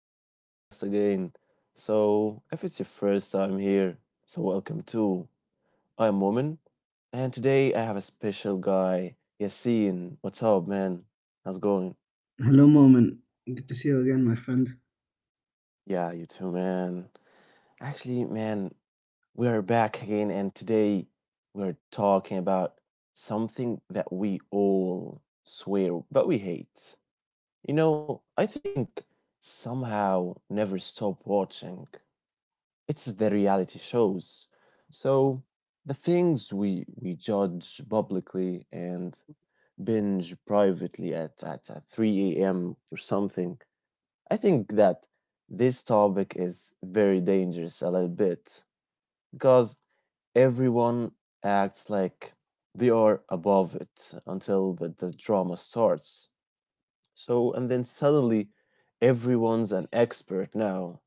to the podcast again. If it's your first time here, welcome too. I'm Woman, and today I have a special guy, Yasin. What's up, man? How's it going? Hello, Moment. Good to see you again, my friend. Yeah, you too, man. Actually, man, we're back again, and today we're talking about something that we all swear but we hate. You know, I think somehow never stop watching. It's the reality shows. So the things we judge publicly and binge privately at at 3 a.m. or something. I think that this topic is very dangerous a little bit because everyone acts like they are above it until the drama starts. So and then suddenly everyone's an expert now.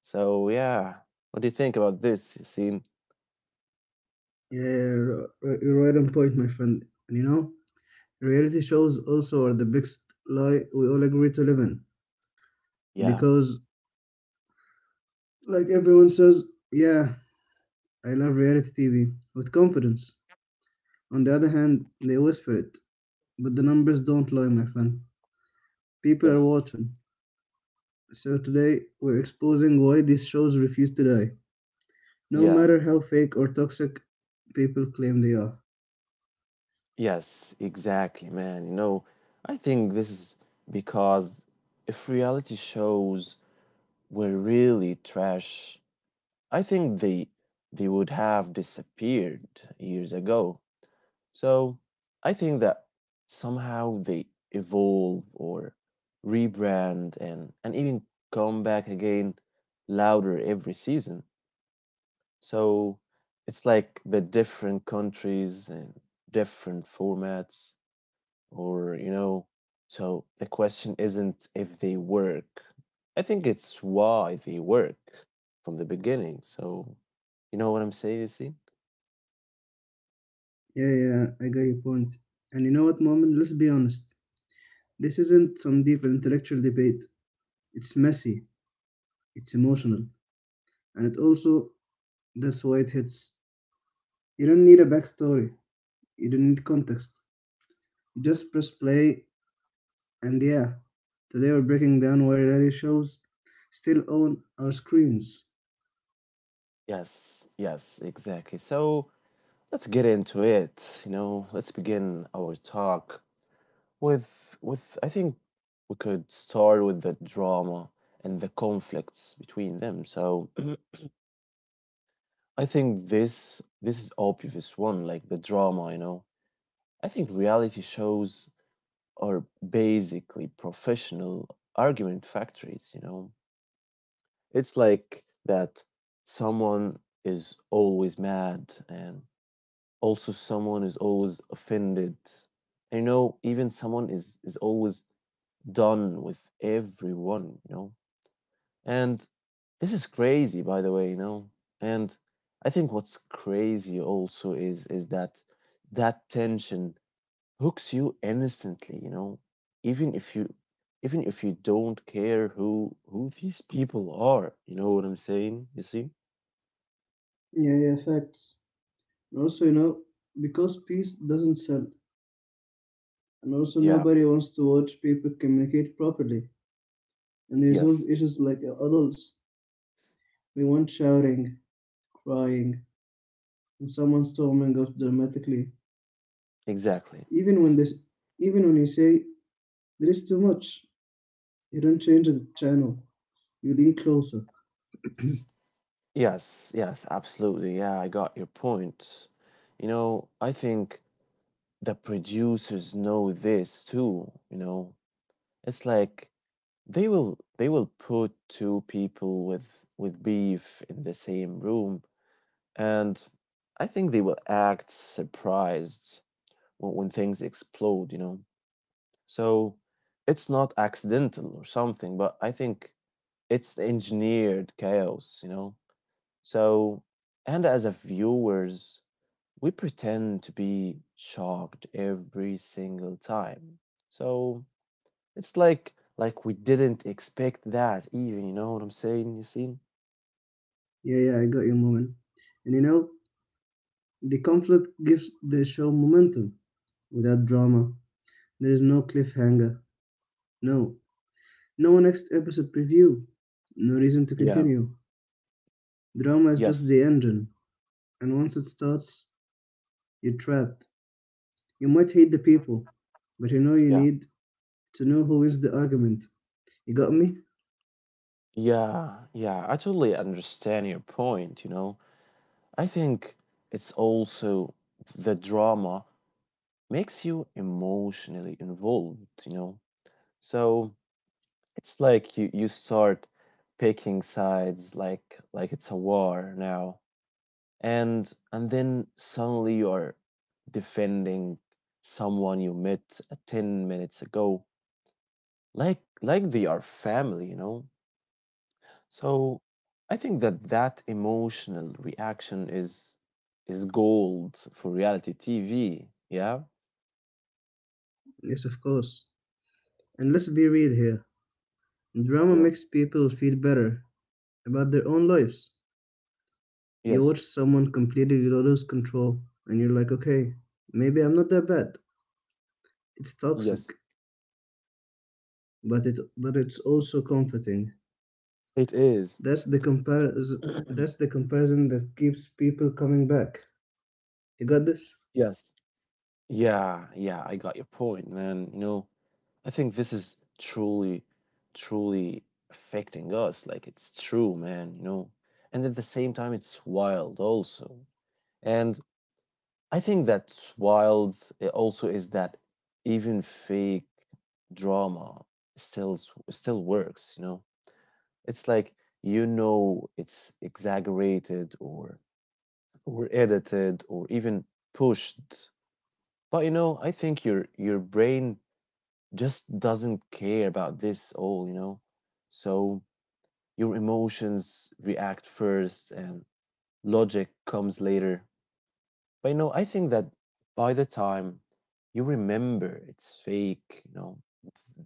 So yeah, what do you think about this, Yassine? You're right on point, my friend. And you know, reality shows also are the biggest lie we all agree to live in. Yeah. Because, like everyone says, yeah, I love reality TV with confidence. On the other hand, they whisper it. But the numbers don't lie, my friend. People are Yes. watching. So today, we're exposing why these shows refuse to die, no Yeah. matter how fake or toxic people claim they are. Yes, exactly, man. You know, I think this is because if reality shows were really trash, I think they would have disappeared years ago. So, I think that somehow they evolve or rebrand and even come back again louder every season. So it's like the different countries and different formats, or you know, so the question isn't if they work. I think it's why they work from the beginning. So you know what I'm saying, see? Yeah, I got your point. And you know what, Moment? Let's be honest. This isn't some deep intellectual debate. It's messy, it's emotional, and it also, that's why it hits. You don't need a backstory, you don't need context. You just press play, and yeah, today we're breaking down why reality shows still own our screens. Yes, yes, exactly. So let's get into it. You know, let's begin our talk with I think we could start with the drama and the conflicts between them. So I think this is obvious one, like the drama, you know. I think reality shows are basically professional argument factories, you know. It's like that someone is always mad and also someone is always offended. And, you know, even someone is always done with everyone, you know. And this is crazy, by the way, you know. And I think what's crazy also is that that tension hooks you instantly, you know, even if you even if you don't care who these people are, you know what I'm saying? You see? Yeah, Facts. And also, you know, because peace doesn't sell, and also Yeah. nobody wants to watch people communicate properly and resolve Yes. issues like adults. We want shouting, crying, and someone storming off dramatically. Exactly. Even when this, Even when you say there is too much, you don't change the channel. You lean closer. Yes. Yes. Absolutely. Yeah. I got your point. You know, I think the producers know this too. You know, it's like They will put two people with beef in the same room, and I think they will act surprised when things explode, you know. So it's not accidental or something, but I think it's engineered chaos, you know. So and as a viewers, we pretend to be shocked every single time. So it's like we didn't expect that even, you know what I'm saying, Yasin? Yeah, I got you, moment. And you know, the conflict gives the show momentum. Without drama, there is no cliffhanger. No, no next episode preview. No reason to Yeah. continue. Drama is just Yes. the engine, and once it starts, you're trapped. You might hate the people, but you know you Yeah. need to know who wins the argument. You got me? Yeah. Yeah. I totally understand your point, you know. I think it's also the drama makes you emotionally involved, you know. So it's like you start picking sides like it's a war now. And then suddenly you're defending someone you met 10 minutes ago like they are family, you know. So I think that that emotional reaction is gold for reality TV. Yeah. Yes, of course. And let's be real here. Drama Yeah. makes people feel better about their own lives. You Yes. watch someone completely lose control and you're like, okay, maybe I'm not that bad. It's toxic, Yes, but it's also comforting. it is. That's the comparison that's the comparison that keeps people coming back. You got this? yes. Yeah, yeah, I got your point, man, you know. I think this is truly, truly affecting us. Like it's true, man, you know. And at the same time, it's wild also. And I think that's wild also is that even fake drama still still works, you know. It's like you know it's exaggerated or edited or even pushed. But you know, I think your brain just doesn't care about this all, you know? So your emotions react first and logic comes later. But you know, I think that by the time you remember it's fake, you know,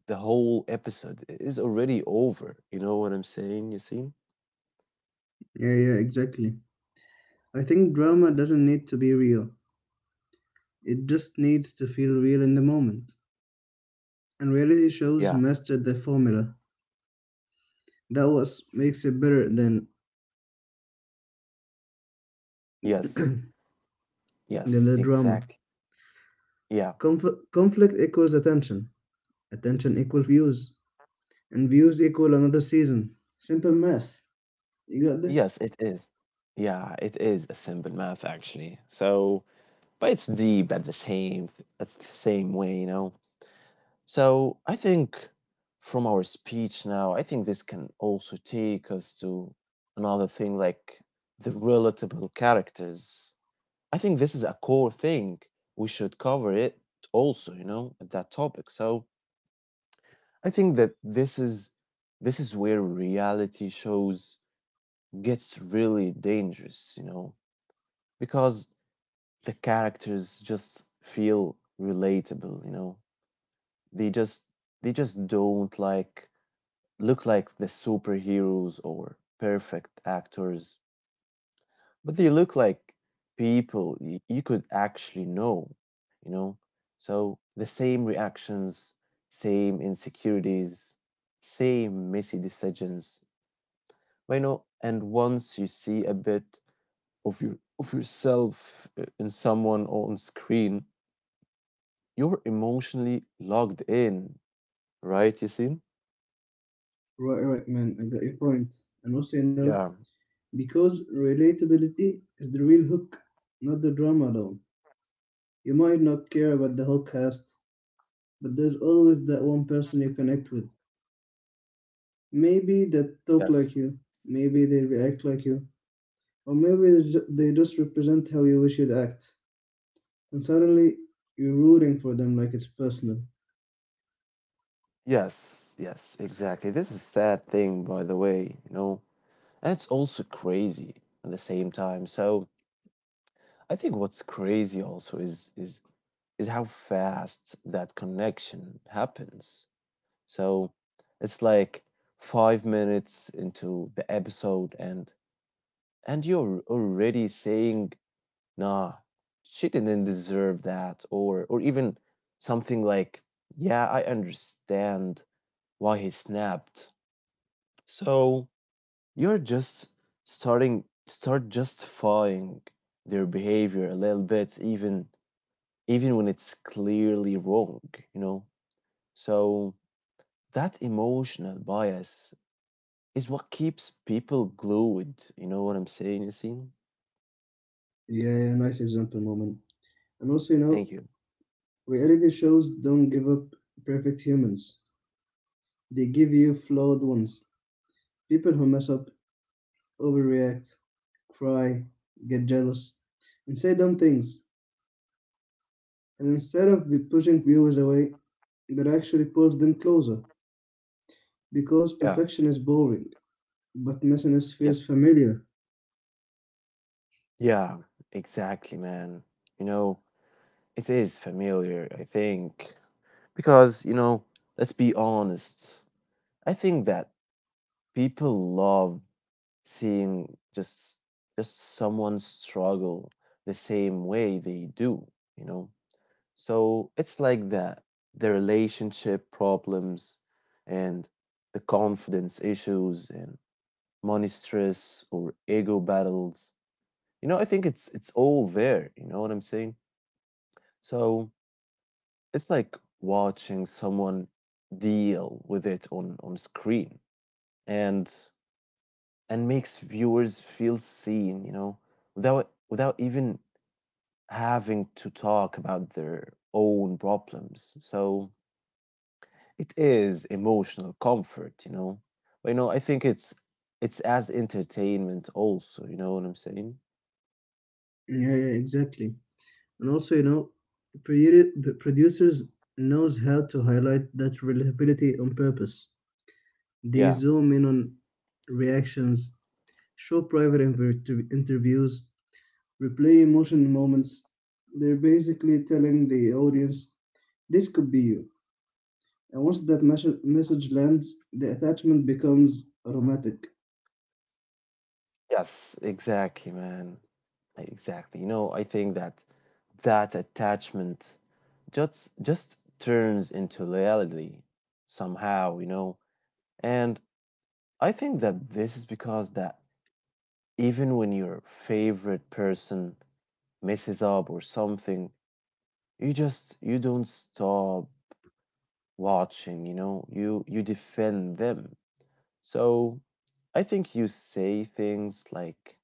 the whole episode is already over. You see? Yeah, exactly. I think drama doesn't need to be real. It just needs to feel real in the moment. And reality shows Yeah. mastered the formula. That was makes it better Yes. than Yes, the drama. exactly. Yeah. Conflict equals attention. Attention equals views, and views equal another season. Simple math. You got this? Yes, it is. Yeah, it is a simple math actually. So, but it's deep at the same way, you know. So I think from our speech now, I think this can also take us to another thing like the relatable characters. I think this is a core thing. We should cover it also, you know, at that topic. So I think that this is where reality shows gets really dangerous, you know, because the characters just feel relatable, you know. They just they just don't like look like the superheroes or perfect actors, but they look like people you could actually know, you know? So the same reactions, same insecurities, same messy decisions. But, you know, and once you see a bit of yourself in someone on screen, you're emotionally logged in, right, Yasin? Right, Man, I got your point. And also, you know, Yeah. because relatability is the real hook, not the drama alone. You might not care about the whole cast, but there's always that one person you connect with. Maybe they talk Yes. like you. Maybe they react like you. Or maybe they just represent how you wish you'd act. And suddenly, you're rooting for them like it's personal. Yes, yes, exactly. This is a sad thing, by the way, you know, and it's also crazy at the same time. So I think what's crazy also is how fast that connection happens. So it's like 5 minutes into the episode, and you're already saying, "Nah, she didn't deserve that," or even something like, "Yeah, I understand why he snapped." So. You're just start justifying their behavior a little bit, even when it's clearly wrong, you know? So that emotional bias is what keeps people glued. You know what I'm saying, Yasin? Yeah, Nice example, moment. And also, you know, Thank you. reality shows don't give up perfect humans. They give you flawed ones. People who mess up, overreact, cry, get jealous, and say dumb things. And instead of pushing viewers away, that actually pulls them closer. Because Yeah. perfection is boring, but messiness Yes. feels familiar. Yeah, exactly, man. You know, it is familiar, I think. Because, you know, let's be honest. I think that people love seeing just someone struggle the same way they do, you know. So it's like that the relationship problems and the confidence issues and money stress or ego battles, you know, I think it's all there, you know what I'm saying. So it's like watching someone deal with it on screen and and makes viewers feel seen, you know, without even having to talk about their own problems. So it is emotional comfort, you know. But you know, I think it's as entertainment also, you know what I'm saying? Yeah, exactly. And also, you know, the producers knows how to highlight that relatability on purpose. They Yeah. zoom in on reactions, show private interviews, replay emotional moments. They're basically telling the audience, this could be you. And once that message lands, the attachment becomes automatic. Yes, exactly, man. I- Exactly. You know, I think that that attachment just turns into reality somehow, you know. And I think that this is because that even when your favorite person messes up or something, you don't stop watching, you know? You defend them. So I think you say things like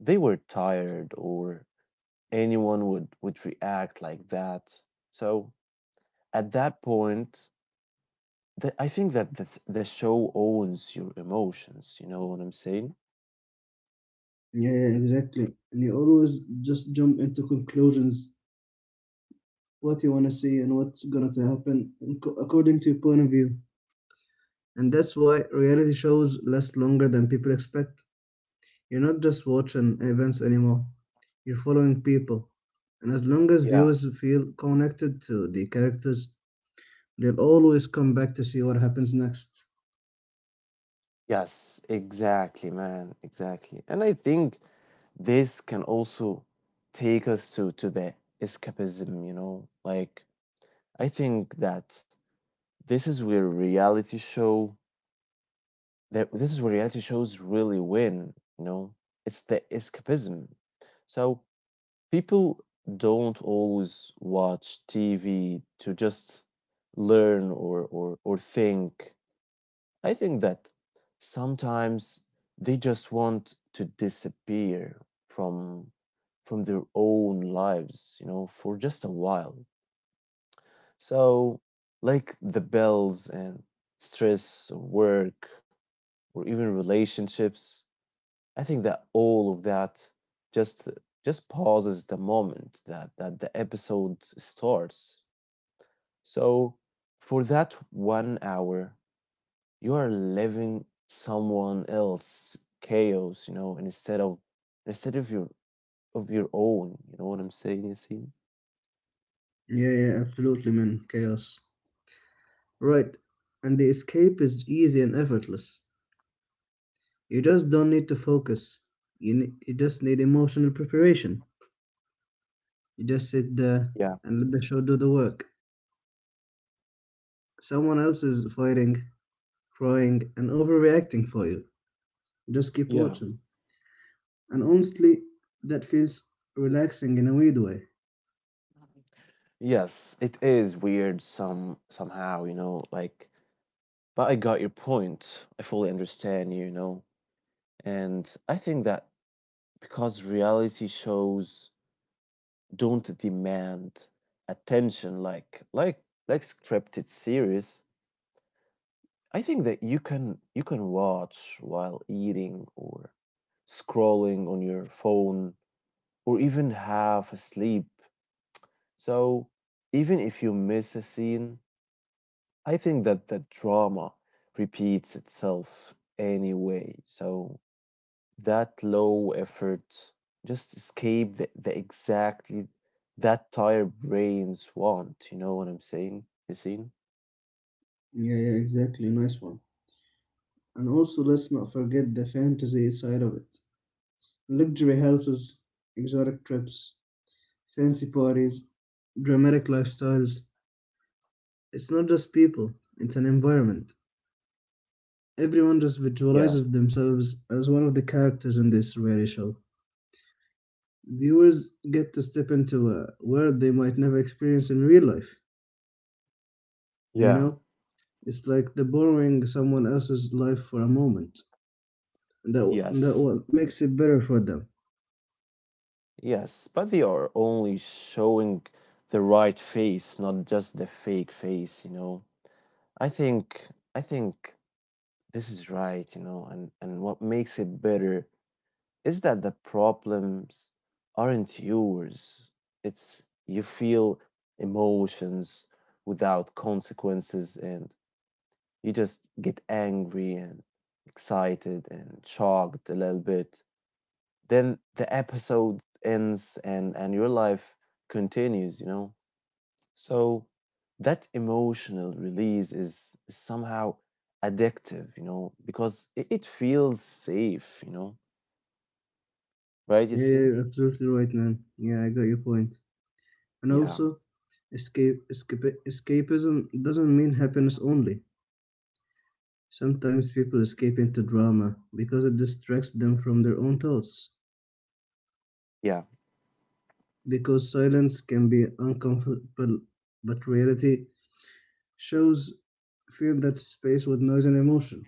they were tired or anyone would react like that. So at that point, I think that the show owns your emotions, you know what I'm saying? Yeah, exactly. And you always just jump into conclusions, what you want to see and what's going to happen in according to your point of view. And that's why reality shows last longer than people expect. You're not just watching events anymore, you're following people. And as long as Yeah. viewers feel connected to the characters, they'll always come back to see what happens next. Yes, exactly, man, exactly. And I think this can also take us to the escapism, you know? Like I think that this is where reality show that this is where reality shows really win, you know? It's the escapism. So people don't always watch TV to just learn or think. I think that sometimes they just want to disappear from from their own lives, you know, for just a while. So, like the bells and stress or work or even relationships, I think that all of that just just pauses the moment that the episode starts. So, for that 1 hour, you are living someone else chaos, you know, and instead of your own, you know what I'm saying, you. Yeah, Absolutely, man. Chaos. Right. And the escape is easy and effortless. You just don't need to focus. You just need emotional preparation. You just sit there Yeah. and let the show do the work. Someone else is fighting, crying, and overreacting for you. Just keep Yeah. watching. And honestly, that feels relaxing in a weird way. Yes, it is weird, somehow, you know. Like but I got your point, I fully understand you, you know. And I think that because reality shows don't demand attention like scripted series, I think that you can watch while eating or scrolling on your phone or even half asleep. So even if you miss a scene, I think that the drama repeats itself anyway. So that low effort just escape the exactly that tired brains want. You know what I'm saying? You seen? Yeah, exactly. Nice one. And also, let's not forget the fantasy side of it: luxury houses, exotic trips, fancy parties, dramatic lifestyles. It's not just people, it's an environment. Everyone just Yeah. visualizes themselves as one of the characters in this reality show. Viewers get to step into a world they might never experience in real life. And you Yeah. know, it's like the borrowing someone else's life for a moment. That that Yes. what makes it better for them. Yes, but they are only showing the right face, not just the fake face, you know. I think I think this is right, you know, and what makes it better is that the problems aren't yours. It's you feel emotions without consequences and you just get angry and excited and shocked a little bit, then the episode ends and your life continues, you know. So that emotional release is somehow addictive, you know, because it feels safe, you know. Right, Yeah, Yasin? you're absolutely right, man. Yeah, I got your point. And Yeah. also, escapism doesn't mean happiness only. Sometimes people escape into drama because it distracts them from their own thoughts. Yeah. Because silence can be uncomfortable, but reality shows fill that space with noise and emotion.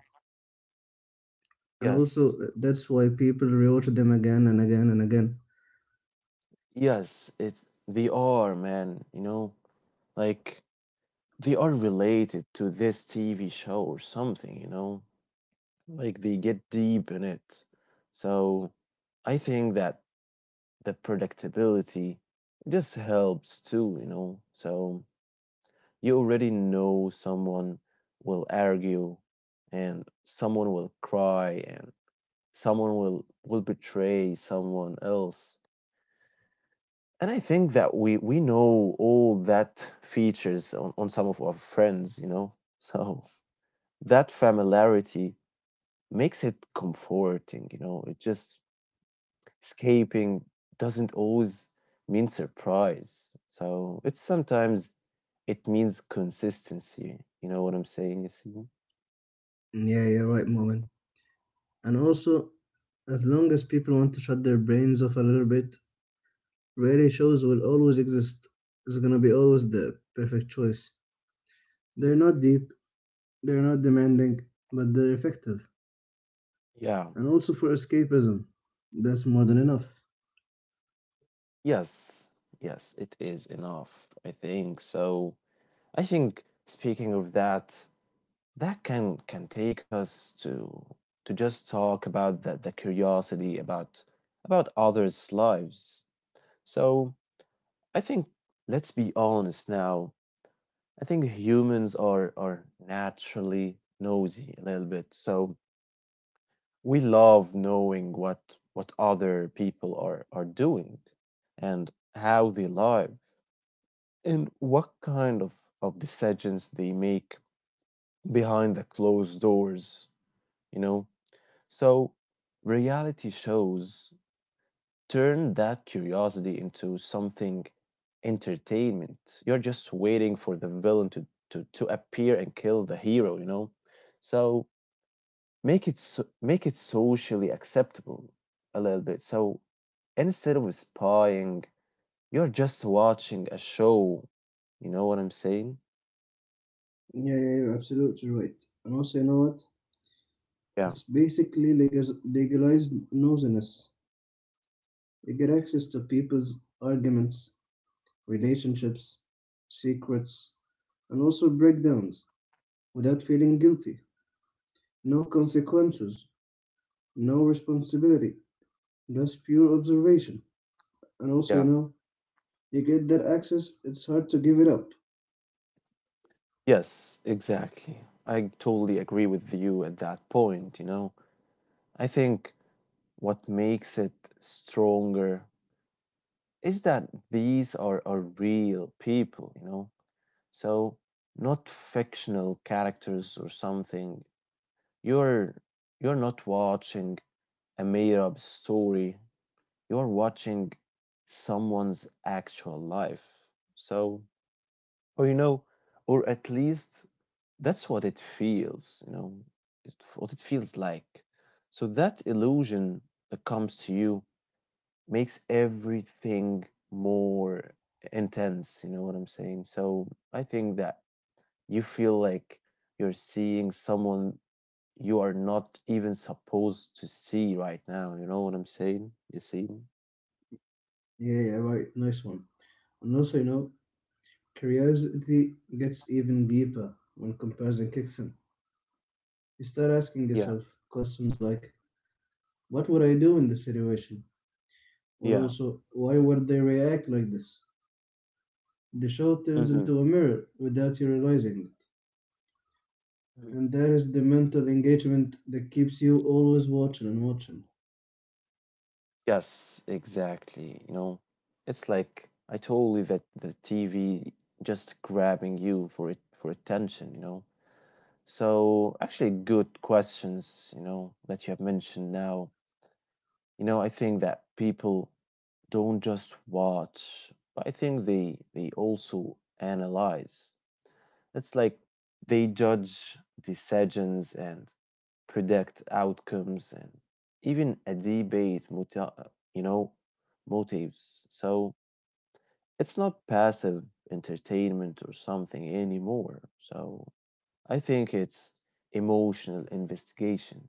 And Yes. also, that's why people rewatch them again and again and again. yes it They are, man, you know. Like they are related to this TV show or something, you know. Like they get deep in it. So I think that the predictability just helps too, you know. So you already know someone will argue and someone will cry and someone will betray someone else. And I think that we know all that features on some of our friends, you know. So that familiarity makes it comforting, you know. It just escaping doesn't always mean surprise. So it's sometimes it means consistency. You know what I'm saying, Yassine? Yeah, you're right, Moment. And also, as long as people want to shut their brains off a little bit, reality shows will always exist. It's gonna be always the perfect choice. They're not deep, they're not demanding, but they're effective. Yeah. And also for escapism, that's more than enough. Yes. Yes, it is enough, I think. So I think speaking of that, that can take us to just talk about the curiosity about others' lives. So I think let's be honest now. I think humans are naturally nosy a little bit. So we love knowing what other people are doing and how they live and what kind of decisions they make behind the closed doors, you know. So reality shows turn that curiosity into something entertainment. You're just waiting for the villain to appear and kill the hero, you know? So make it make it socially acceptable a little bit. So instead of spying, you're just watching a show. You know what I'm saying? Yeah, you're absolutely right. And also, you know what? Yeah, It's basically legalized nosiness. You get access to people's arguments, relationships, secrets, and also breakdowns, without feeling guilty. No consequences, no responsibility, just pure observation. And also, you yeah. know, you get that access, it's hard to give it up. Yes, exactly. I totally agree with you at that point. I think what makes it stronger is that these are real people, you know? So not fictional characters or something. You're you're not watching a made-up story. You're watching someone's actual life. So, or you know, or at least that's what it feels, what it feels like. So that illusion that comes to you makes everything more intense, you know what I'm saying? So I think that you feel like you're seeing someone you are not even supposed to see right now, you know what I'm saying? You see? Yeah, right, nice one. And also, you know, curiosity gets even deeper when comparison kicks in. You start asking Yeah, yourself questions like, what would I do in this situation? Or yeah. also, why would they react like this? The show turns hmm into a mirror without you realizing. And there is the mental engagement that keeps you always watching and watching. Yes, exactly. You know, it's like I told you that the TV just grabbing you for it for attention, you know. So actually good questions, you know, that you have mentioned now. You know, I think that people don't just watch, but I think they also analyze. It's like they judge decisions and predict outcomes and even a debate motives so it's not passive entertainment or something anymore. So I think it's emotional investigation.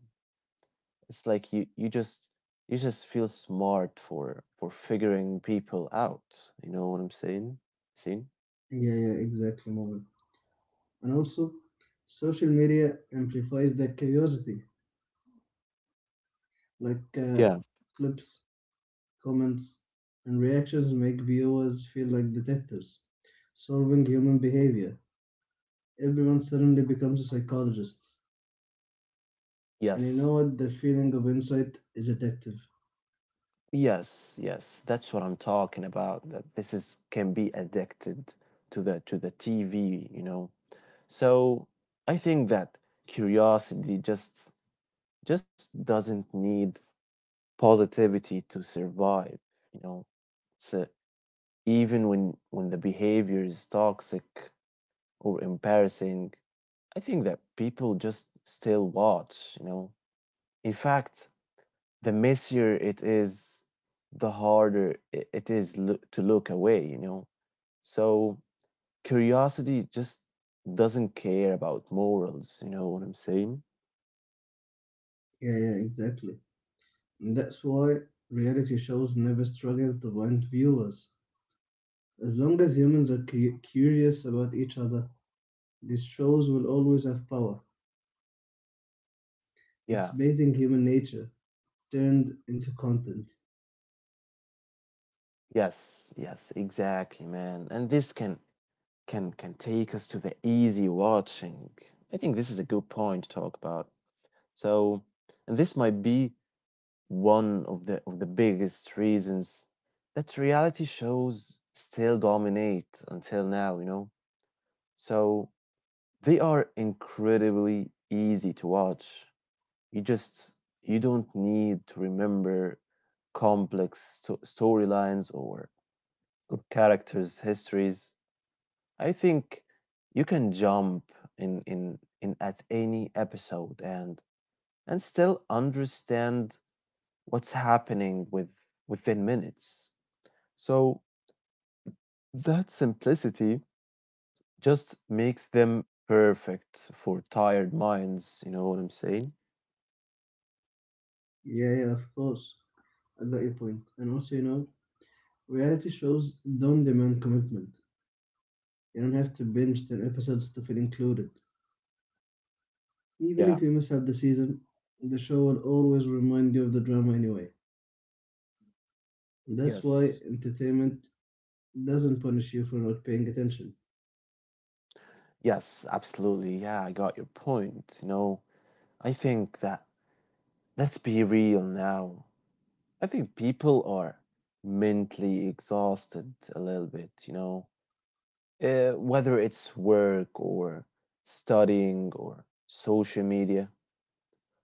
It's like you just feel smart for figuring people out. You know what I'm saying? Saying? Yeah, exactly, moment. And also, social media amplifies that curiosity. Like uh, Yeah. Clips, comments, and reactions make viewers feel like detectives, solving human behavior. Everyone suddenly becomes a psychologist. And you Yes. know what? The feeling of insight is addictive. Yes, yes. That's what I'm talking about. That this is can be addicted to the TV, you know. So I think that curiosity just doesn't need positivity to survive, you know. So even when the behavior is toxic, or embarrassing, I think that people just still watch, you know. In fact, the messier it is, the harder it is to look away, you know. So curiosity just doesn't care about morals, you know what I'm saying? Yeah, exactly. And that's why reality shows never struggle to find viewers. As long as humans are curious about each other, these shows will always have power. It's Yeah. basing human nature turned into content. Yes, yes, exactly, man. And this can take us to the easy watching. I think this is a good point to talk about. So, and this might be one of the biggest reasons that reality shows still dominate until now, you know. So they are incredibly easy to watch. You just you don't need to remember complex storylines or characters' histories. I think you can jump in at any episode and still understand what's happening within minutes. So that simplicity just makes them perfect for tired minds, you know what I'm saying? Yeah, of course. I got your point. And also, you know, reality shows don't demand commitment. You don't have to binge 10 episodes to feel included. Even Yeah, if you miss out the season, the show will always remind you of the drama anyway. That's why yes, entertainment doesn't punish you for not paying attention. yes, absolutely. Yeah, I got your point. You know, I think that let's be real now. I think people are mentally exhausted a little bit, you know, whether it's work or studying or social media.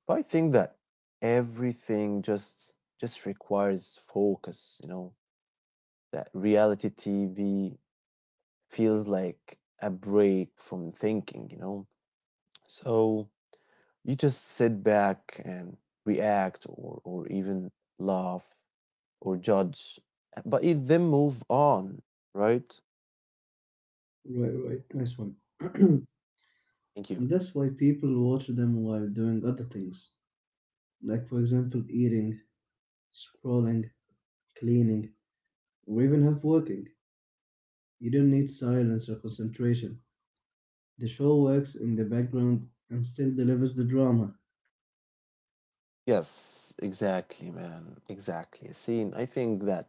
But I think that everything just requires focus, you know, that reality TV feels like a break from thinking, you know. So you just sit back and react or even laugh or judge, but you then move on, right? Right, right. Nice one. Thank you. And that's why people watch them while doing other things, like, for example, eating, scrolling, cleaning, or even half working. You don't need silence or concentration. The show works in the background and still delivers the drama. Yes, exactly, man. Exactly. See, and I think that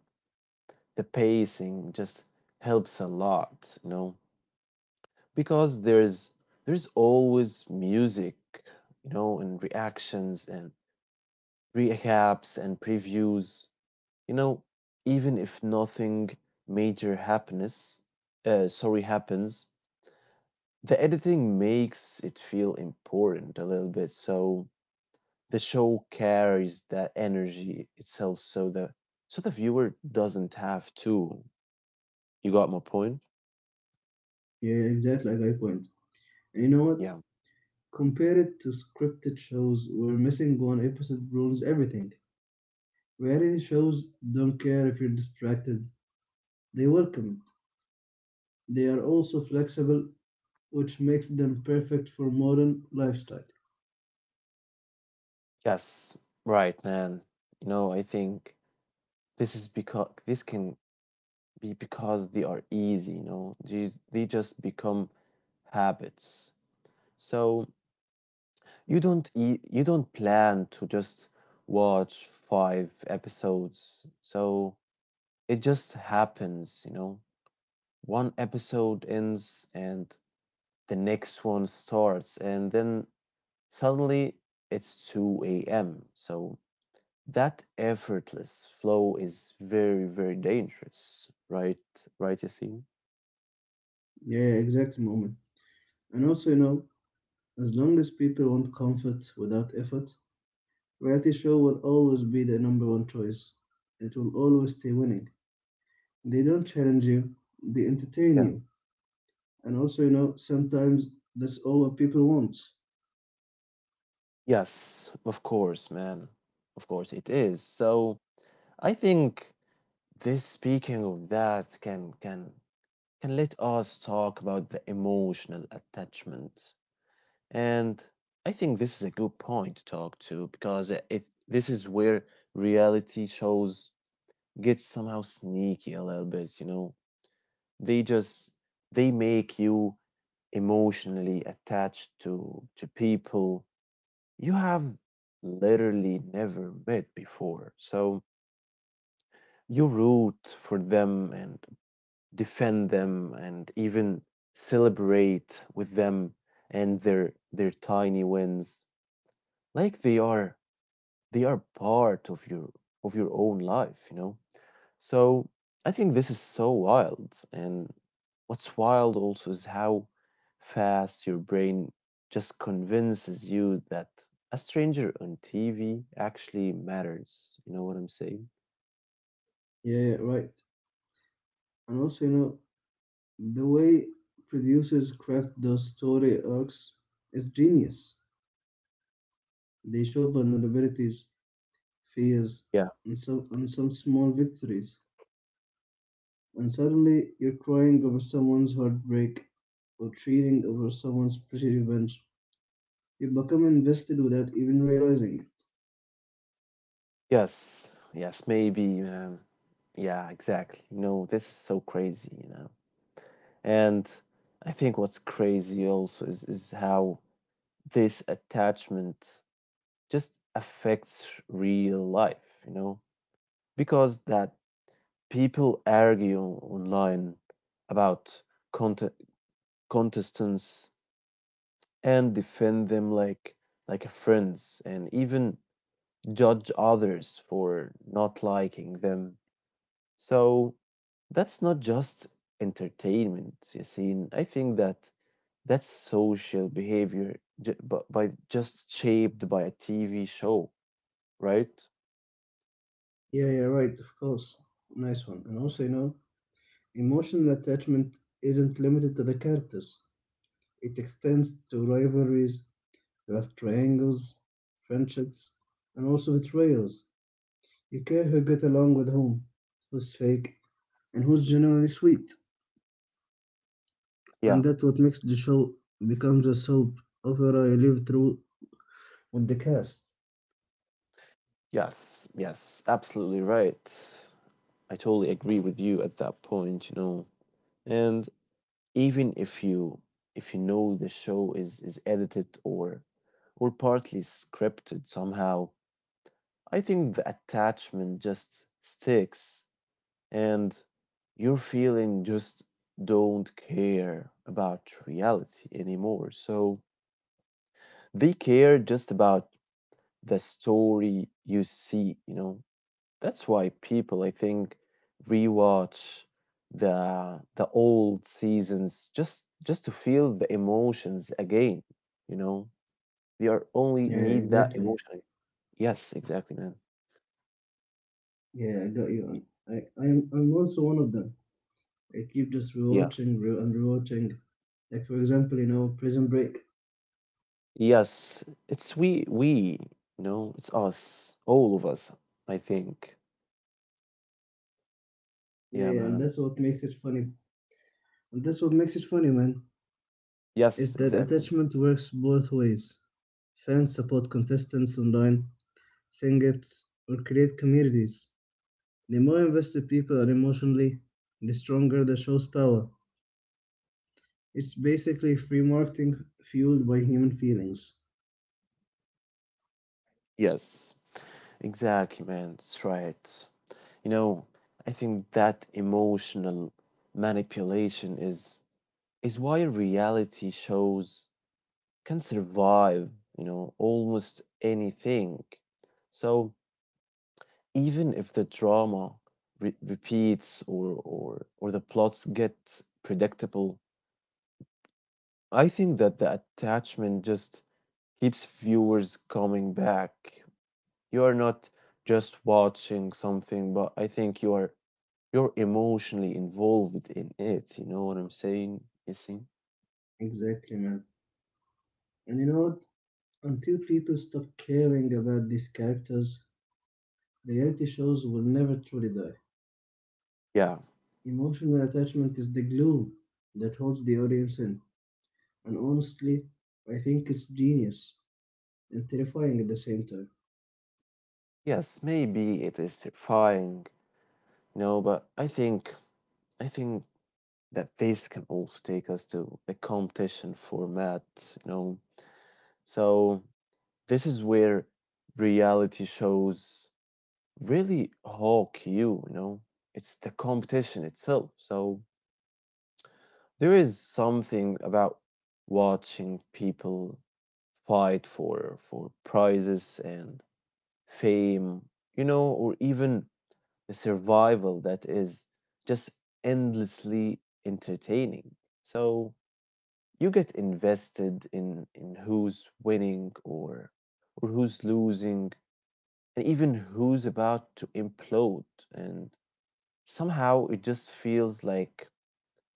the pacing just helps a lot, you know, because there's always music, you know, and reactions and recaps and previews, you know, even if nothing major happiness sorry happens, the editing makes it feel important a little bit. So the show carries that energy itself, so the viewer doesn't have to. You got my point? Yeah, exactly, I got your point. And you know what? Yeah, Compare it to scripted shows where missing one episode ruins everything. Reality shows don't care if you're distracted, they welcome it. They are also flexible, which makes them perfect for modern lifestyles. yes, right, man. You know, I think this is because this can be because they are easy, you know. They just become habits. So you don't e- you don't plan to just watch five episodes. So it just happens, you know. One episode ends and the next one starts, and then suddenly it's 2 a.m. So that effortless flow is very, very dangerous, right? Right, you see? Yeah, exact moment. And also, you know, as long as people want comfort without effort, reality show will always be the number one choice. It will always stay winning. They don't challenge you, they entertain Yeah. you. And also, you know, sometimes that's all what people want. Yes, of course, man. Of course it is. So I think this speaking of that can let us talk about the emotional attachment. And I think this is a good point to talk to because it this is where reality shows get somehow sneaky a little bit, you know. They just they make you emotionally attached to people you have literally never met before. So you root for them and defend them and even celebrate with them and their tiny wins like they are part of your own life, you know. So I think this is so wild. And what's wild also is how fast your brain just convinces you that a stranger on TV actually matters. You know what I'm saying? Yeah, right. And also, you know, the way producers craft those story arcs is genius. They show vulnerabilities, fears, Yeah. And some small victories, and suddenly you're crying over someone's heartbreak or treating over someone's pretty revenge. You become invested without even realizing it. Yes. Yes. Maybe, man. Yeah, exactly. You know, this is so crazy, you know. And I think what's crazy also is how this attachment just affects real life, you know, because that people argue online about conte- contestants and defend them like friends and even judge others for not liking them. So that's not just entertainment, Yassine. I think that that's social behavior ju- but by just shaped by a TV show, right? Yeah, right, of course. Nice one. And also, you know, emotional attachment isn't limited to the characters. It extends to rivalries, love triangles, friendships, and also betrayals. You care who get along with whom, who's fake, and who's generally sweet. Yeah. And that's what makes the show becomes a soap opera you live through with the cast. Yes. Yes. Absolutely right. I totally agree with you at that point, you know. And even if you know the show is edited or partly scripted somehow, I think the attachment just sticks and your feeling just don't care about reality anymore. So they care just about the story you see, you know. That's why people, I think, rewatch the old seasons just to feel the emotions again. You know, we are only Yeah, need that exactly. emotion. Yes, exactly, man. Yeah, I got you. And I'm also one of them. I keep just Yeah. rewatching re- and rewatching. Like, for example, you know, Prison Break. Yes, it's we. You know, it's us, all of us. I think. Yeah, Yeah, and man. that's what makes it funny. And that's what makes it funny, man. Is Yes, that exactly. attachment works both ways. Fans support contestants online, send gifts, or create communities. The more invested people are emotionally, the stronger the show's power. It's basically free marketing fueled by human feelings. Yes, exactly, man. That's right. You know, I think that emotional manipulation is why reality shows can survive, you know, almost anything. So even if the drama repeats or the plots get predictable, I think that the attachment just keeps viewers coming back. You are not just watching something, but I think you're emotionally involved in it. You know what I'm saying? You see? Exactly, man. And you know what? Until people stop caring about these characters, reality shows will never truly die. Yeah. Emotional attachment is the glue that holds the audience in. And honestly, I think it's genius and terrifying at the same time. Yes, maybe it is terrifying. No, but I think that this can also take us to the competition format, you know. So this is where reality shows really hawk you, you know. It's the competition itself. So there is something about watching people fight for prizes and fame, you know, or even a survival that is just endlessly entertaining. So you get invested in who's winning or who's losing and even who's about to implode and somehow it just feels like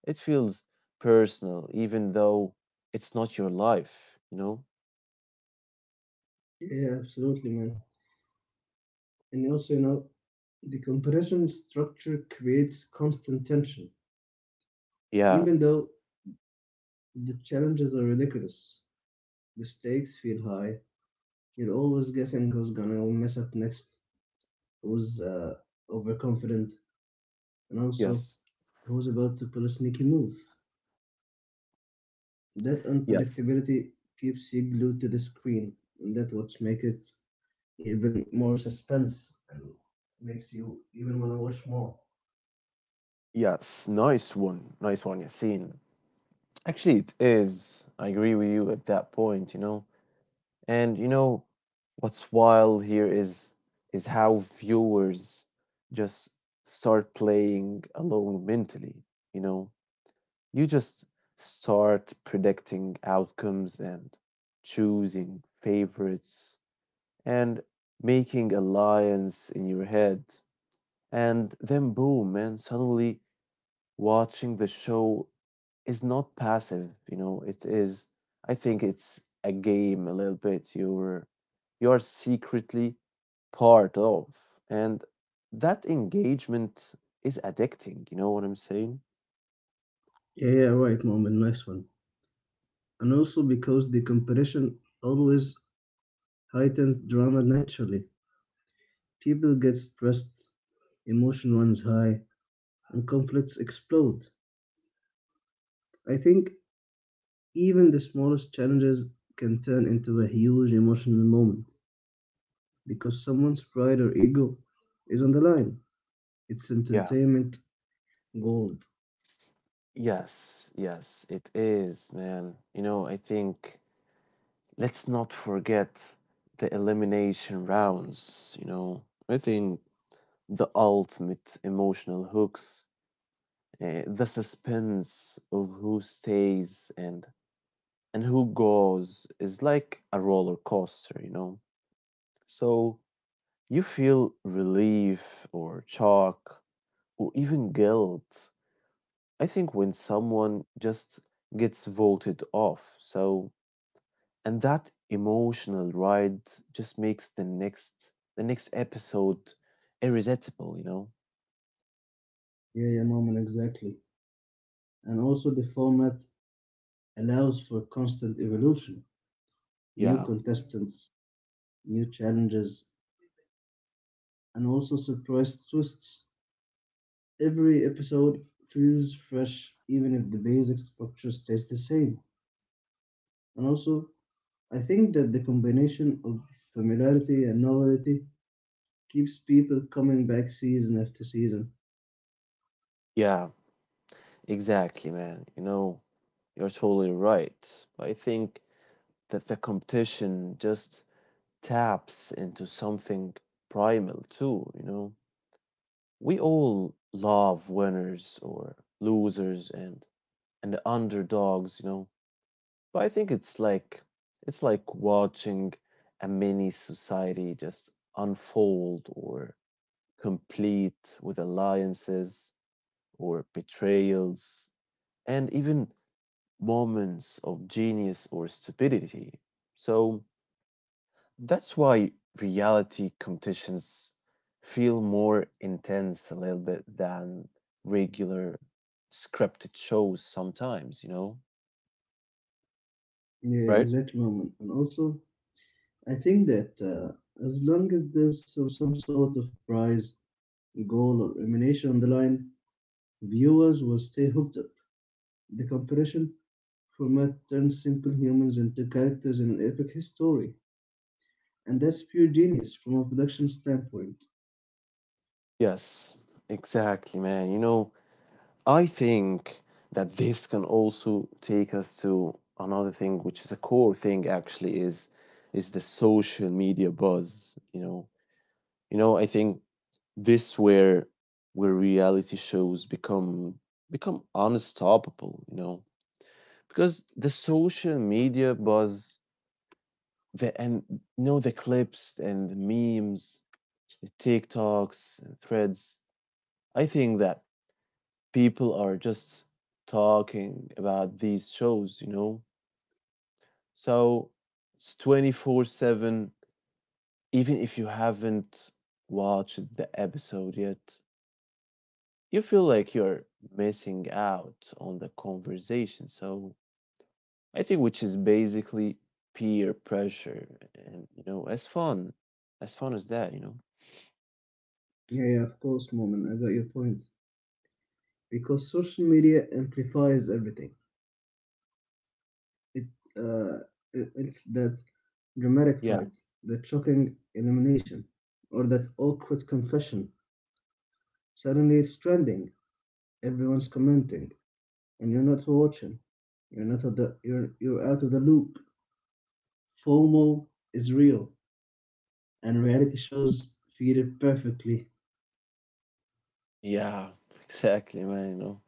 it feels personal even though it's not your life, you know? Yeah, absolutely, man. And also, you know, the comparison structure creates constant tension. Yeah. Even though the challenges are ridiculous, the stakes feel high, you're always guessing who's gonna mess up next. Who was overconfident, and also Yes. who was about to pull a sneaky move. That Yes. unpredictability keeps you glued to the screen, and that what makes it even more suspense and makes you even want to watch more. Yes. Nice one. Nice one, Yasin. Actually, it is. I agree with you at that point, you know. And you know what's wild here is how viewers just start playing along mentally, you know. You just start predicting outcomes and choosing favorites and making alliance in your head. And then boom, man, suddenly watching the show is not passive, you know. It is, I think it's a game a little bit. You're secretly part of, and that engagement is addicting, you know what I'm saying? Yeah, yeah, right, Moment. Nice one. And also because the competition always heightens drama naturally. People get stressed, emotion runs high, and conflicts explode. I think even the smallest challenges can turn into a huge emotional moment because someone's pride or ego is on the line. It's Yeah. entertainment gold. Yes, yes, it is, man. You know, I think let's not forget the elimination rounds, you know. I think the ultimate emotional hooks, the suspense of who stays and who goes is like a roller coaster, you know? So you feel relief or shock or even guilt. I think when someone just gets voted off. So, and that emotional ride just makes the next episode irresistible, you know? Yeah, yeah, moment, exactly. And also, the format allows for constant evolution, new Yeah. contestants, new challenges, and also surprise twists. Every episode feels fresh, even if the basic structure stays the same. And also, I think that the combination of familiarity and novelty keeps people coming back season after season. Yeah, exactly, man. You know, you're totally right. I think that the competition just taps into something primal too, you know. We all love winners or losers and underdogs, you know. But I think it's like watching a mini society just unfold or complete with alliances or betrayals and even moments of genius or stupidity. So that's why reality competitions feel more intense a little bit than regular scripted shows sometimes, you know, Yeah, right? exact moment. And also, I think that as long as there's some sort of prize, goal, or elimination on the line, viewers will stay hooked up. The competition format turns simple humans into characters in an epic history. And that's pure genius from a production standpoint. Yes, exactly, man. You know, I think that this can also take us to another thing, which is a core thing actually, is the social media buzz. You know, I think this where reality shows become unstoppable. You know, because the social media buzz, the and you the clips and the memes, the TikToks and threads. I think that people are just talking about these shows, you know? So it's 24/7. Even if you haven't watched the episode yet, you feel like you're missing out on the conversation. So I think which is basically peer pressure and you know, as fun as that, you know? Yeah, yeah, of course, Moment. I got your point. Because social media amplifies everything. It uh, it's that dramatic Yeah, fight, that shocking elimination, or that awkward confession. Suddenly it's trending. Everyone's commenting, and you're not watching. You're not of the, you're out of the loop. FOMO is real, and reality shows feed it perfectly. yeah, exactly, man, you know.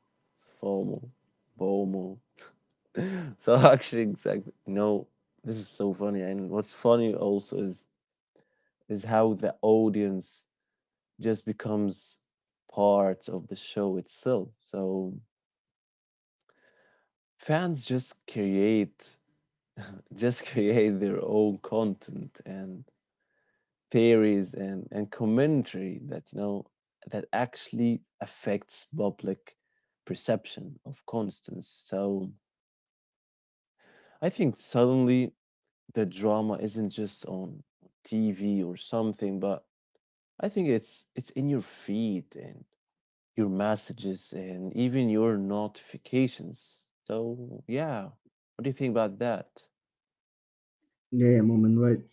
FOMO, BOMO. So actually, exactly. No, this is so funny. And what's funny also is how the audience just becomes part of the show itself. So fans just create their own content and theories and commentary that you know that actually affects public perception of constance. So I think suddenly the drama isn't just on TV or something, but I think it's in your feed and your messages and even your notifications. So yeah, what do you think about that? Yeah, yeah, moment, right?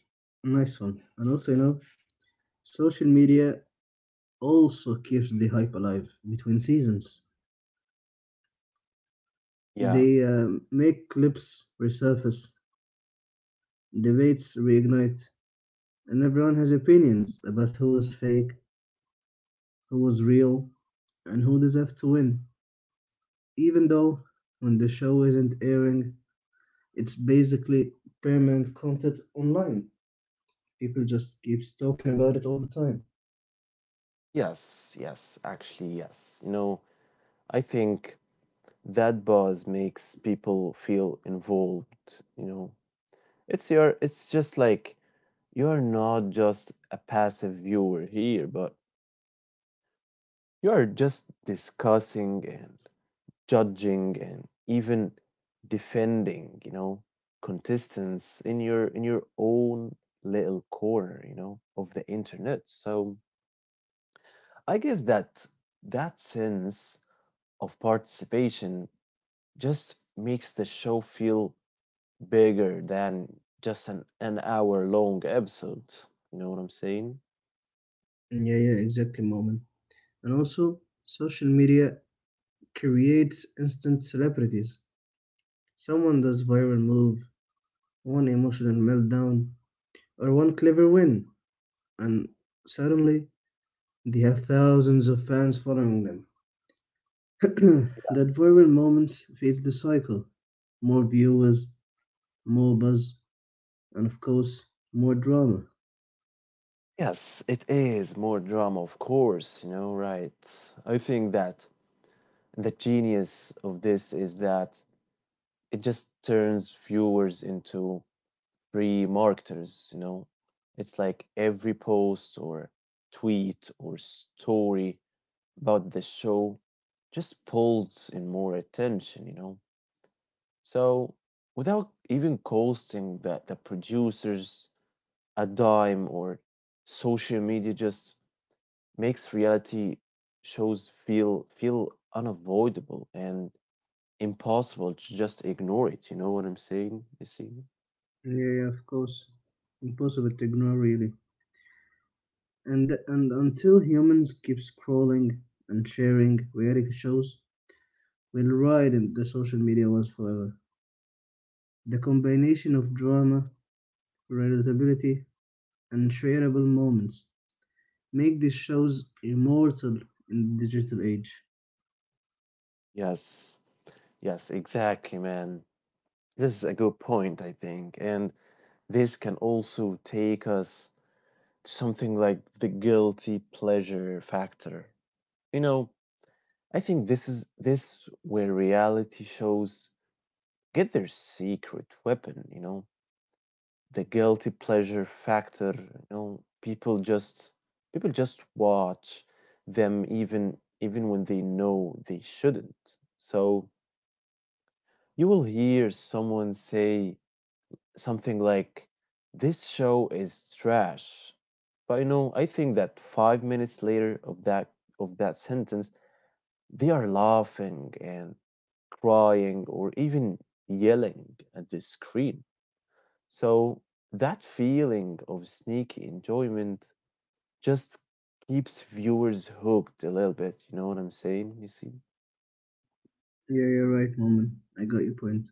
Nice one. And also, you know, social media also keeps the hype alive between seasons. Yeah. They make clips resurface, debates reignite, and everyone has opinions about who was fake, who was real, and who deserved to win. Even though when the show isn't airing, it's basically permanent content online. People just keeps talking about it all the time. Yes, yes, actually yes. You know, I think that buzz makes people feel involved, you know. It's just like you're not just a passive viewer here, but you're just discussing and judging and even defending, you know, contestants in your own little corner, you know, of the internet. So I guess that that sense of participation just makes the show feel bigger than just an hour long episode. You know what I'm saying? And yeah, yeah, exactly, moment. And also, social media creates instant celebrities. Someone does viral move, one emotional meltdown, or one clever win, and suddenly they have thousands of fans following them. That viral moments feeds the cycle. More viewers, more buzz, and of course, more drama. Yes, it is more drama, of course, you know, right? I think that the genius of this is that it just turns viewers into free marketers, you know? It's like every post or tweet or story about the show just pulls in more attention, you know? So, without even costing the producers a dime or social media just makes reality shows feel unavoidable and impossible to just ignore it. You know what I'm saying? You see? Yeah, yeah, of course. Impossible to ignore, really. And until humans keep scrolling and sharing reality shows, we'll ride in the social media was forever. The combination of drama, relatability, and shareable moments make these shows immortal in the digital age. Yes, yes, exactly, man. This is a good point, I think. And this can also take us to something like the guilty pleasure factor. You know, I think this is this where reality shows get their secret weapon, you know, the guilty pleasure factor, you know, people just watch them even when they know they shouldn't. So you will hear someone say something like this show is trash, but you know, I think that 5 minutes later of that sentence they are laughing and crying or even yelling at the screen. So that feeling of sneaky enjoyment just keeps viewers hooked a little bit. You know what I'm saying? You see? Yeah, yeah, right, Moment. I got your point.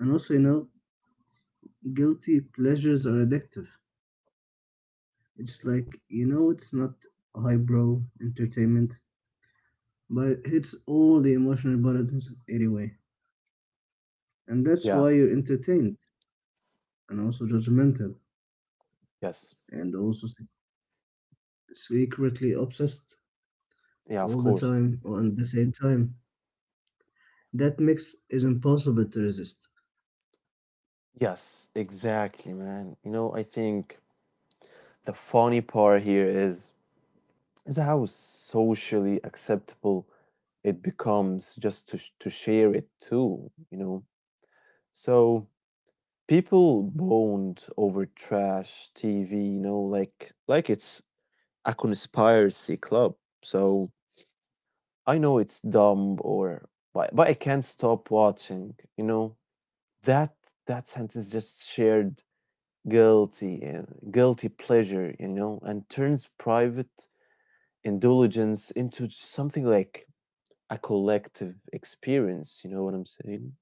And also, you know, guilty pleasures are addictive. It's like, you know, it's not highbrow entertainment, but it hits all the emotional buttons anyway. And that's Yeah. why you're entertained and also judgmental Yes. and also secretly obsessed Yeah, all of the course. time or at the same time. That mix is impossible to resist. Yes, exactly, man. You know, I think the funny part here is how socially acceptable it becomes just to share it too, you know. So people bond over trash TV, you know, like it's a conspiracy club. So I know it's dumb or but I can't stop watching, you know. That that sentence just shared guilty pleasure, you know, and turns private indulgence into something like a collective experience. You know what I'm saying?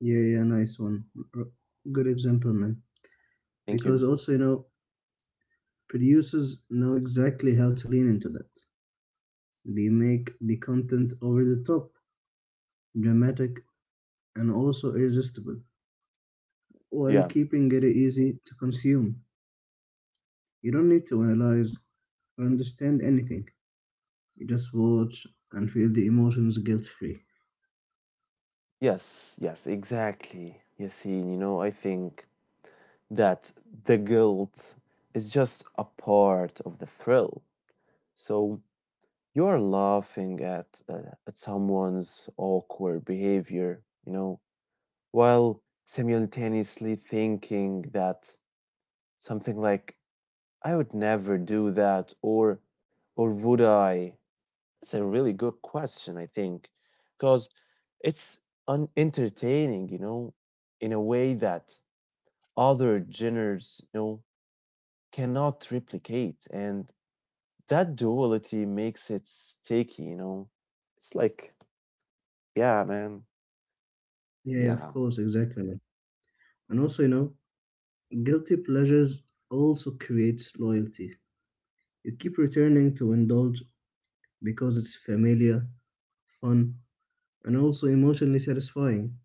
Yeah, yeah, nice one. R- Good example, man. Thank Because you. also, you know, producers know exactly how to lean into that. They make the content over the top dramatic, and also irresistible, while Yeah. keeping it easy to consume. You don't need to analyze or understand anything. You just watch and feel the emotions guilt free. Yes. Yes. Exactly. Yassine, you know, I think that the guilt is just a part of the thrill. So you are laughing at someone's awkward behavior, you know, while simultaneously thinking that something like, I would never do that, or would I? That's a really good question, I think, because it's entertaining, you know, in a way that other genres, you know, cannot replicate. And that duality makes it sticky, you know. It's like, yeah, man. Yeah, yeah, of Yeah. course, exactly, man. And also, you know, guilty pleasures also creates loyalty. You keep returning to indulge because it's familiar, fun, and also emotionally satisfying.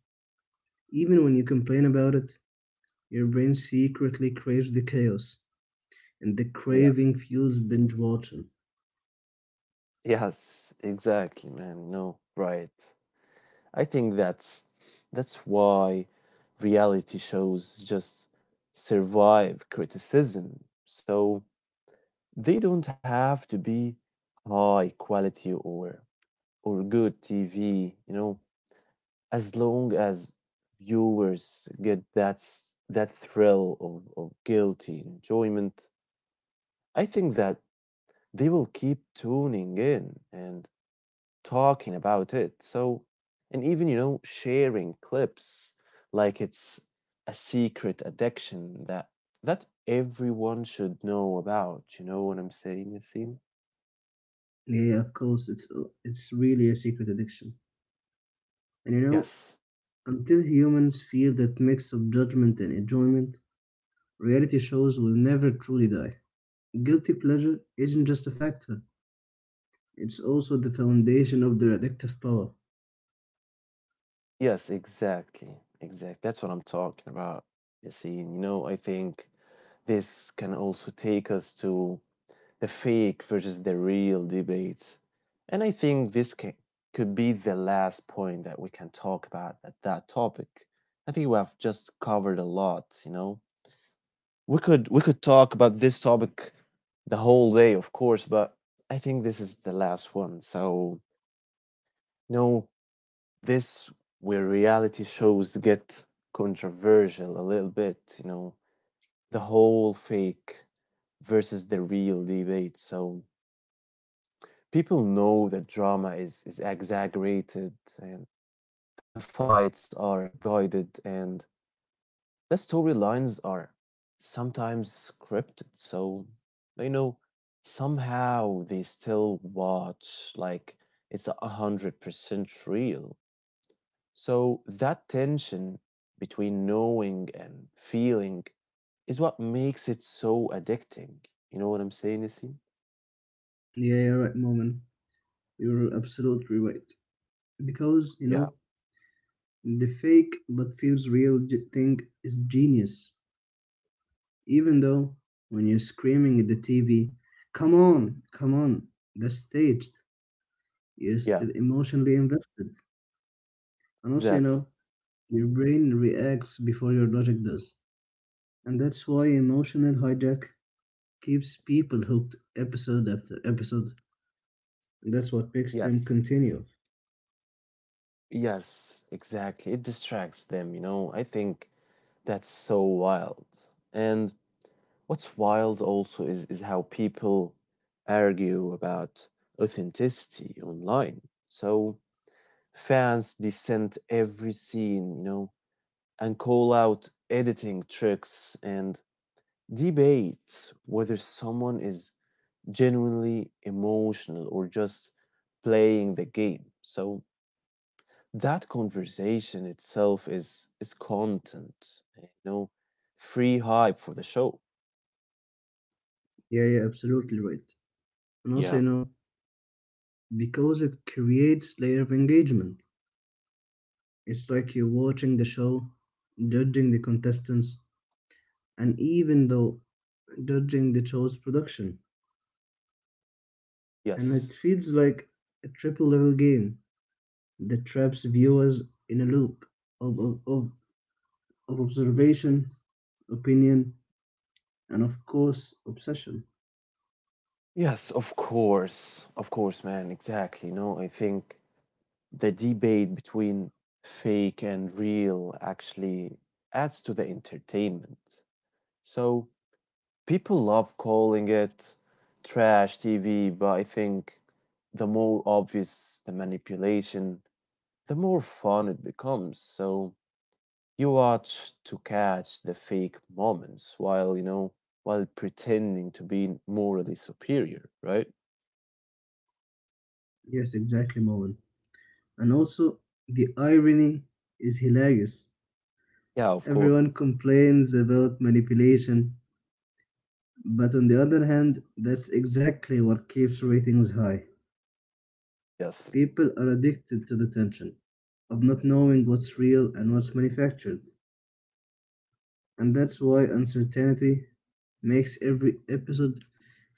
Even when you complain about it, your brain secretly craves the chaos, and the Yeah. craving fuels binge watching. Yes, exactly, man. No, right. I think that's why reality shows just survive criticism. So they don't have to be high quality or good TV, you know, as long as viewers get that thrill of guilty enjoyment. I think that they will keep tuning in and talking about it. So and even, you know, sharing clips like it's a secret addiction that everyone should know about. You know what I'm saying, Yasim? Yeah, of course, it's really a secret addiction. And you know, Yes. until humans feel that mix of judgment and enjoyment, reality shows will never truly die. Guilty pleasure isn't just a factor; it's also the foundation of their addictive power. Yes, exactly. Exactly. That's what I'm talking about. You see, and you know, I think this can also take us to the fake versus the real debates. And I think this could be the last point that we can talk about at that topic. I think we have just covered a lot, you know. We could talk about this topic the whole day, of course, but I think this is the last one. So, no, this where reality shows get controversial a little bit, you know, the whole fake versus the real debate. So people know that drama is exaggerated and the fights are guided and the storylines are sometimes scripted. So they know somehow they still watch like it's 100% real. So that tension between knowing and feeling is what makes it so addicting. You know what I'm saying, Nassim? Yeah, you're right, Moment. You're absolutely right. Because you Yeah. know, the fake but feels real thing is genius. Even though when you're screaming at the TV, come on, come on, that's staged, you're Yeah, still emotionally invested. And also, you exactly. know, your brain reacts before your logic does. And that's why emotional hijack keeps people hooked episode after episode. And that's what makes Yes. them continue. Yes, exactly. It distracts them, you know. I think that's so wild. And what's wild also is how people argue about authenticity online. So fans dissent every scene, you know, and call out editing tricks and debate whether someone is genuinely emotional or just playing the game. So that conversation itself is content, you know, free hype for the show. Yeah, yeah, absolutely right. And also, you Yeah. know, because it creates layer of engagement. It's like you're watching the show, judging the contestants, and even though dodging the show's production, and Yes. it feels like a triple level game that traps viewers in a loop of, of, of, of observation, opinion, and of course, obsession. Yes, of course. Of course, man. Exactly. No, I think the debate between fake and real actually adds to the entertainment. So people love calling it trash TV, but I think the more obvious the manipulation, the more fun it becomes. So you watch to catch the fake moments while, you know, while pretending to be morally superior, right? Yes, exactly, Moen. And also, the irony is hilarious. Yeah, of course. Everyone complains about manipulation, but on the other hand, that's exactly what keeps ratings high. Yes. People are addicted to the tension of not knowing what's real and what's manufactured, and that's why uncertainty makes every episode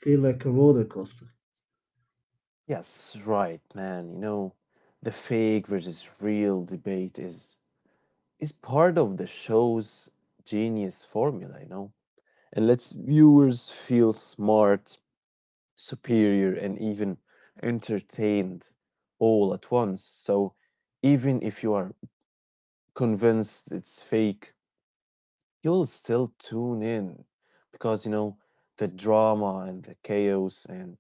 feel like a roller coaster. Yes, right, man. You know, the fake versus real debate is part of the show's genius formula, you know, and lets viewers feel smart, superior, and even entertained all at once. So even if you are convinced it's fake, you'll still tune in, because you know the drama and the chaos and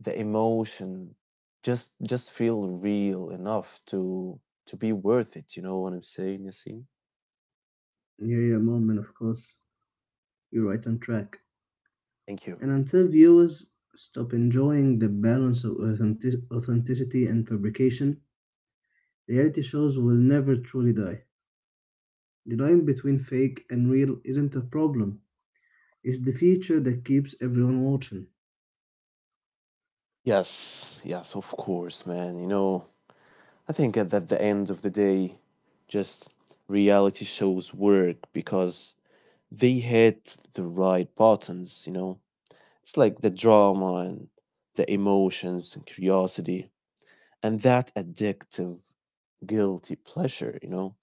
the emotion just feel real enough to be worth it. You know what I'm saying, Yasin? Yeah, yeah, moment, of course. You're right on track. Thank you. And until viewers stop enjoying the balance of authenticity and fabrication, reality shows will never truly die. The line between fake and real isn't a problem, it's the feature that keeps everyone watching. Yes, yes, of course, man. You know, I think at the end of the day, just reality shows work because they hit the right buttons, you know? It's like the drama and the emotions and curiosity and that addictive, guilty pleasure, you know?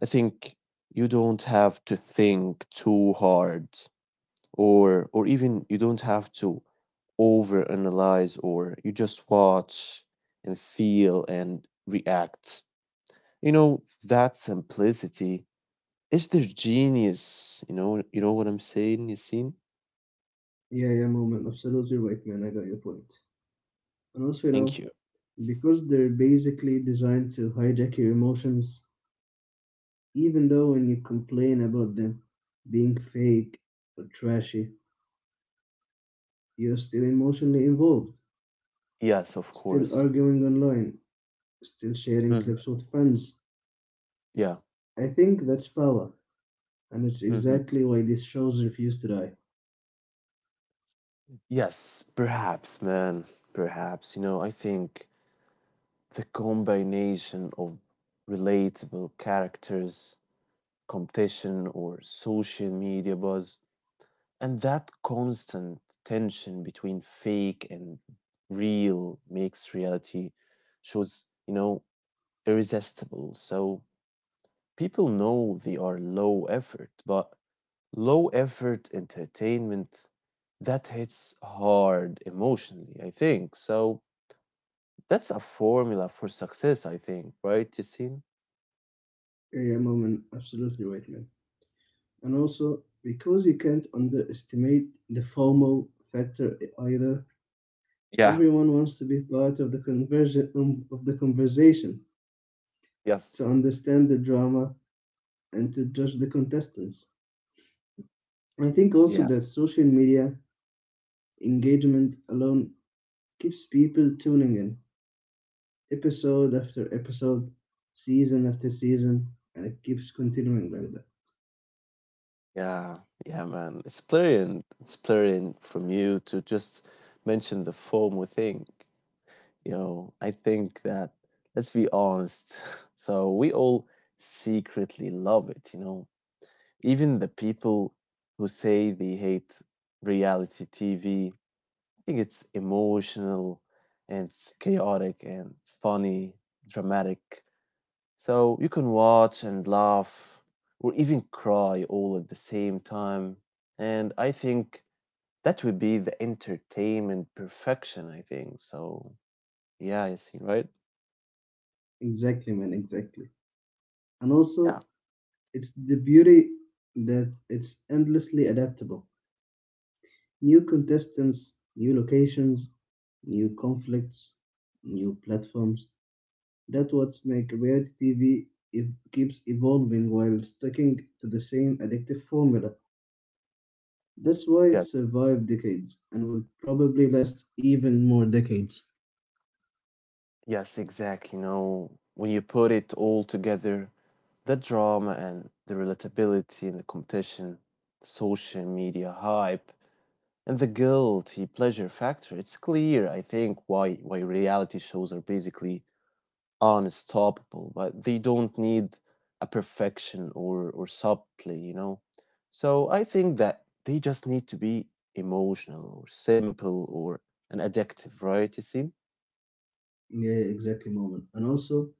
I think you don't have to think too hard or even you don't have to overanalyze, or you just watch and feel and react. You know, that simplicity is their genius. You know what I'm saying, Yasin? Yeah, yeah, moment, absolutely right, man. I got your point. And also, you Thank know, you. because they're basically designed to hijack your emotions even though when you complain about them being fake or trashy, you're still emotionally involved, Yes, of still course. arguing online, still sharing Hmm. clips with friends. Yeah. I think that's power, and it's Hmm. exactly why these shows refuse to die. Yes, perhaps, man. Perhaps. You know, I think the combination of relatable characters, competition, or social media buzz, and that constant tension between fake and real makes reality shows, you know, irresistible. So people know they are low effort, but low effort entertainment that hits hard emotionally, I think. So that's a formula for success, I think, right, Yassine? Yeah, Moment, absolutely right, man. And also, because you can't underestimate the FOMO factor either, Yeah. everyone wants to be part of the conversion of the conversation, Yes. to understand the drama, and to judge the contestants. I think also Yeah. that social media engagement alone keeps people tuning in episode after episode, season after season, and it keeps continuing like that. Yeah. Yeah, man. It's brilliant. It's brilliant from you to just mention the FOMO thing. You know, I think that, let's be honest. So we all secretly love it, you know. Even the people who say they hate reality TV think it's emotional and it's chaotic and it's funny, dramatic. So you can watch and laugh or even cry all at the same time. And I think that would be the entertainment perfection, I think. So, yeah, I see, right? Exactly, man, exactly. And Yeah. also, it's the beauty that it's endlessly adaptable. New contestants, new locations, new conflicts, new platforms. That's what makes reality TV if keeps evolving while sticking to the same addictive formula. That's why it Yes, survived decades and will probably last even more decades. yes, exactly. You know, when you put it all together, the drama and the relatability and the competition, social media hype, and the guilty pleasure factor, it's clear, I think, why reality shows are basically unstoppable, but they don't need a perfection or subtlety, you know. So I think that they just need to be emotional or simple or an addictive, right? You see? Yeah, exactly, moment. And also,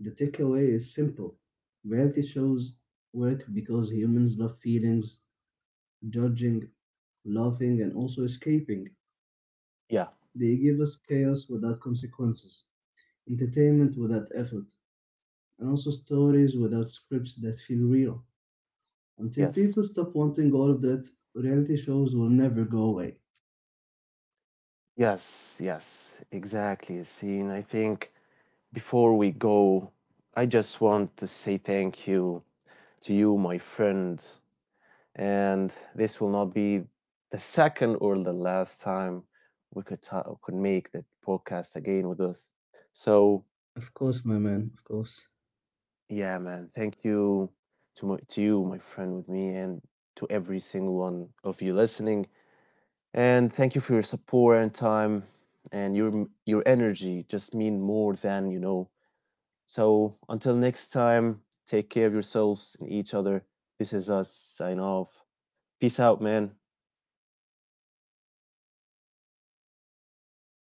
the takeaway is simple. Reality shows work because humans love feelings, judging, laughing, and also escaping. Yeah. They give us chaos without consequences, entertainment without effort, and also stories without scripts that feel real. Until Yes. people stop wanting all of that, reality shows will never go away. Yes. Yes. Exactly. Yassine. I think before we go, I just want to say thank you to you, my friends, and this will not be the second or the last time we could could make that podcast again with us. So Of course, my man, of course. yeah, man, thank you to to you, my friend, with me, and to every single one of you listening. And thank you for your support and time, and your energy just mean more than you know. So until next time, take care of yourselves and each other. This is us sign off. Peace out, man.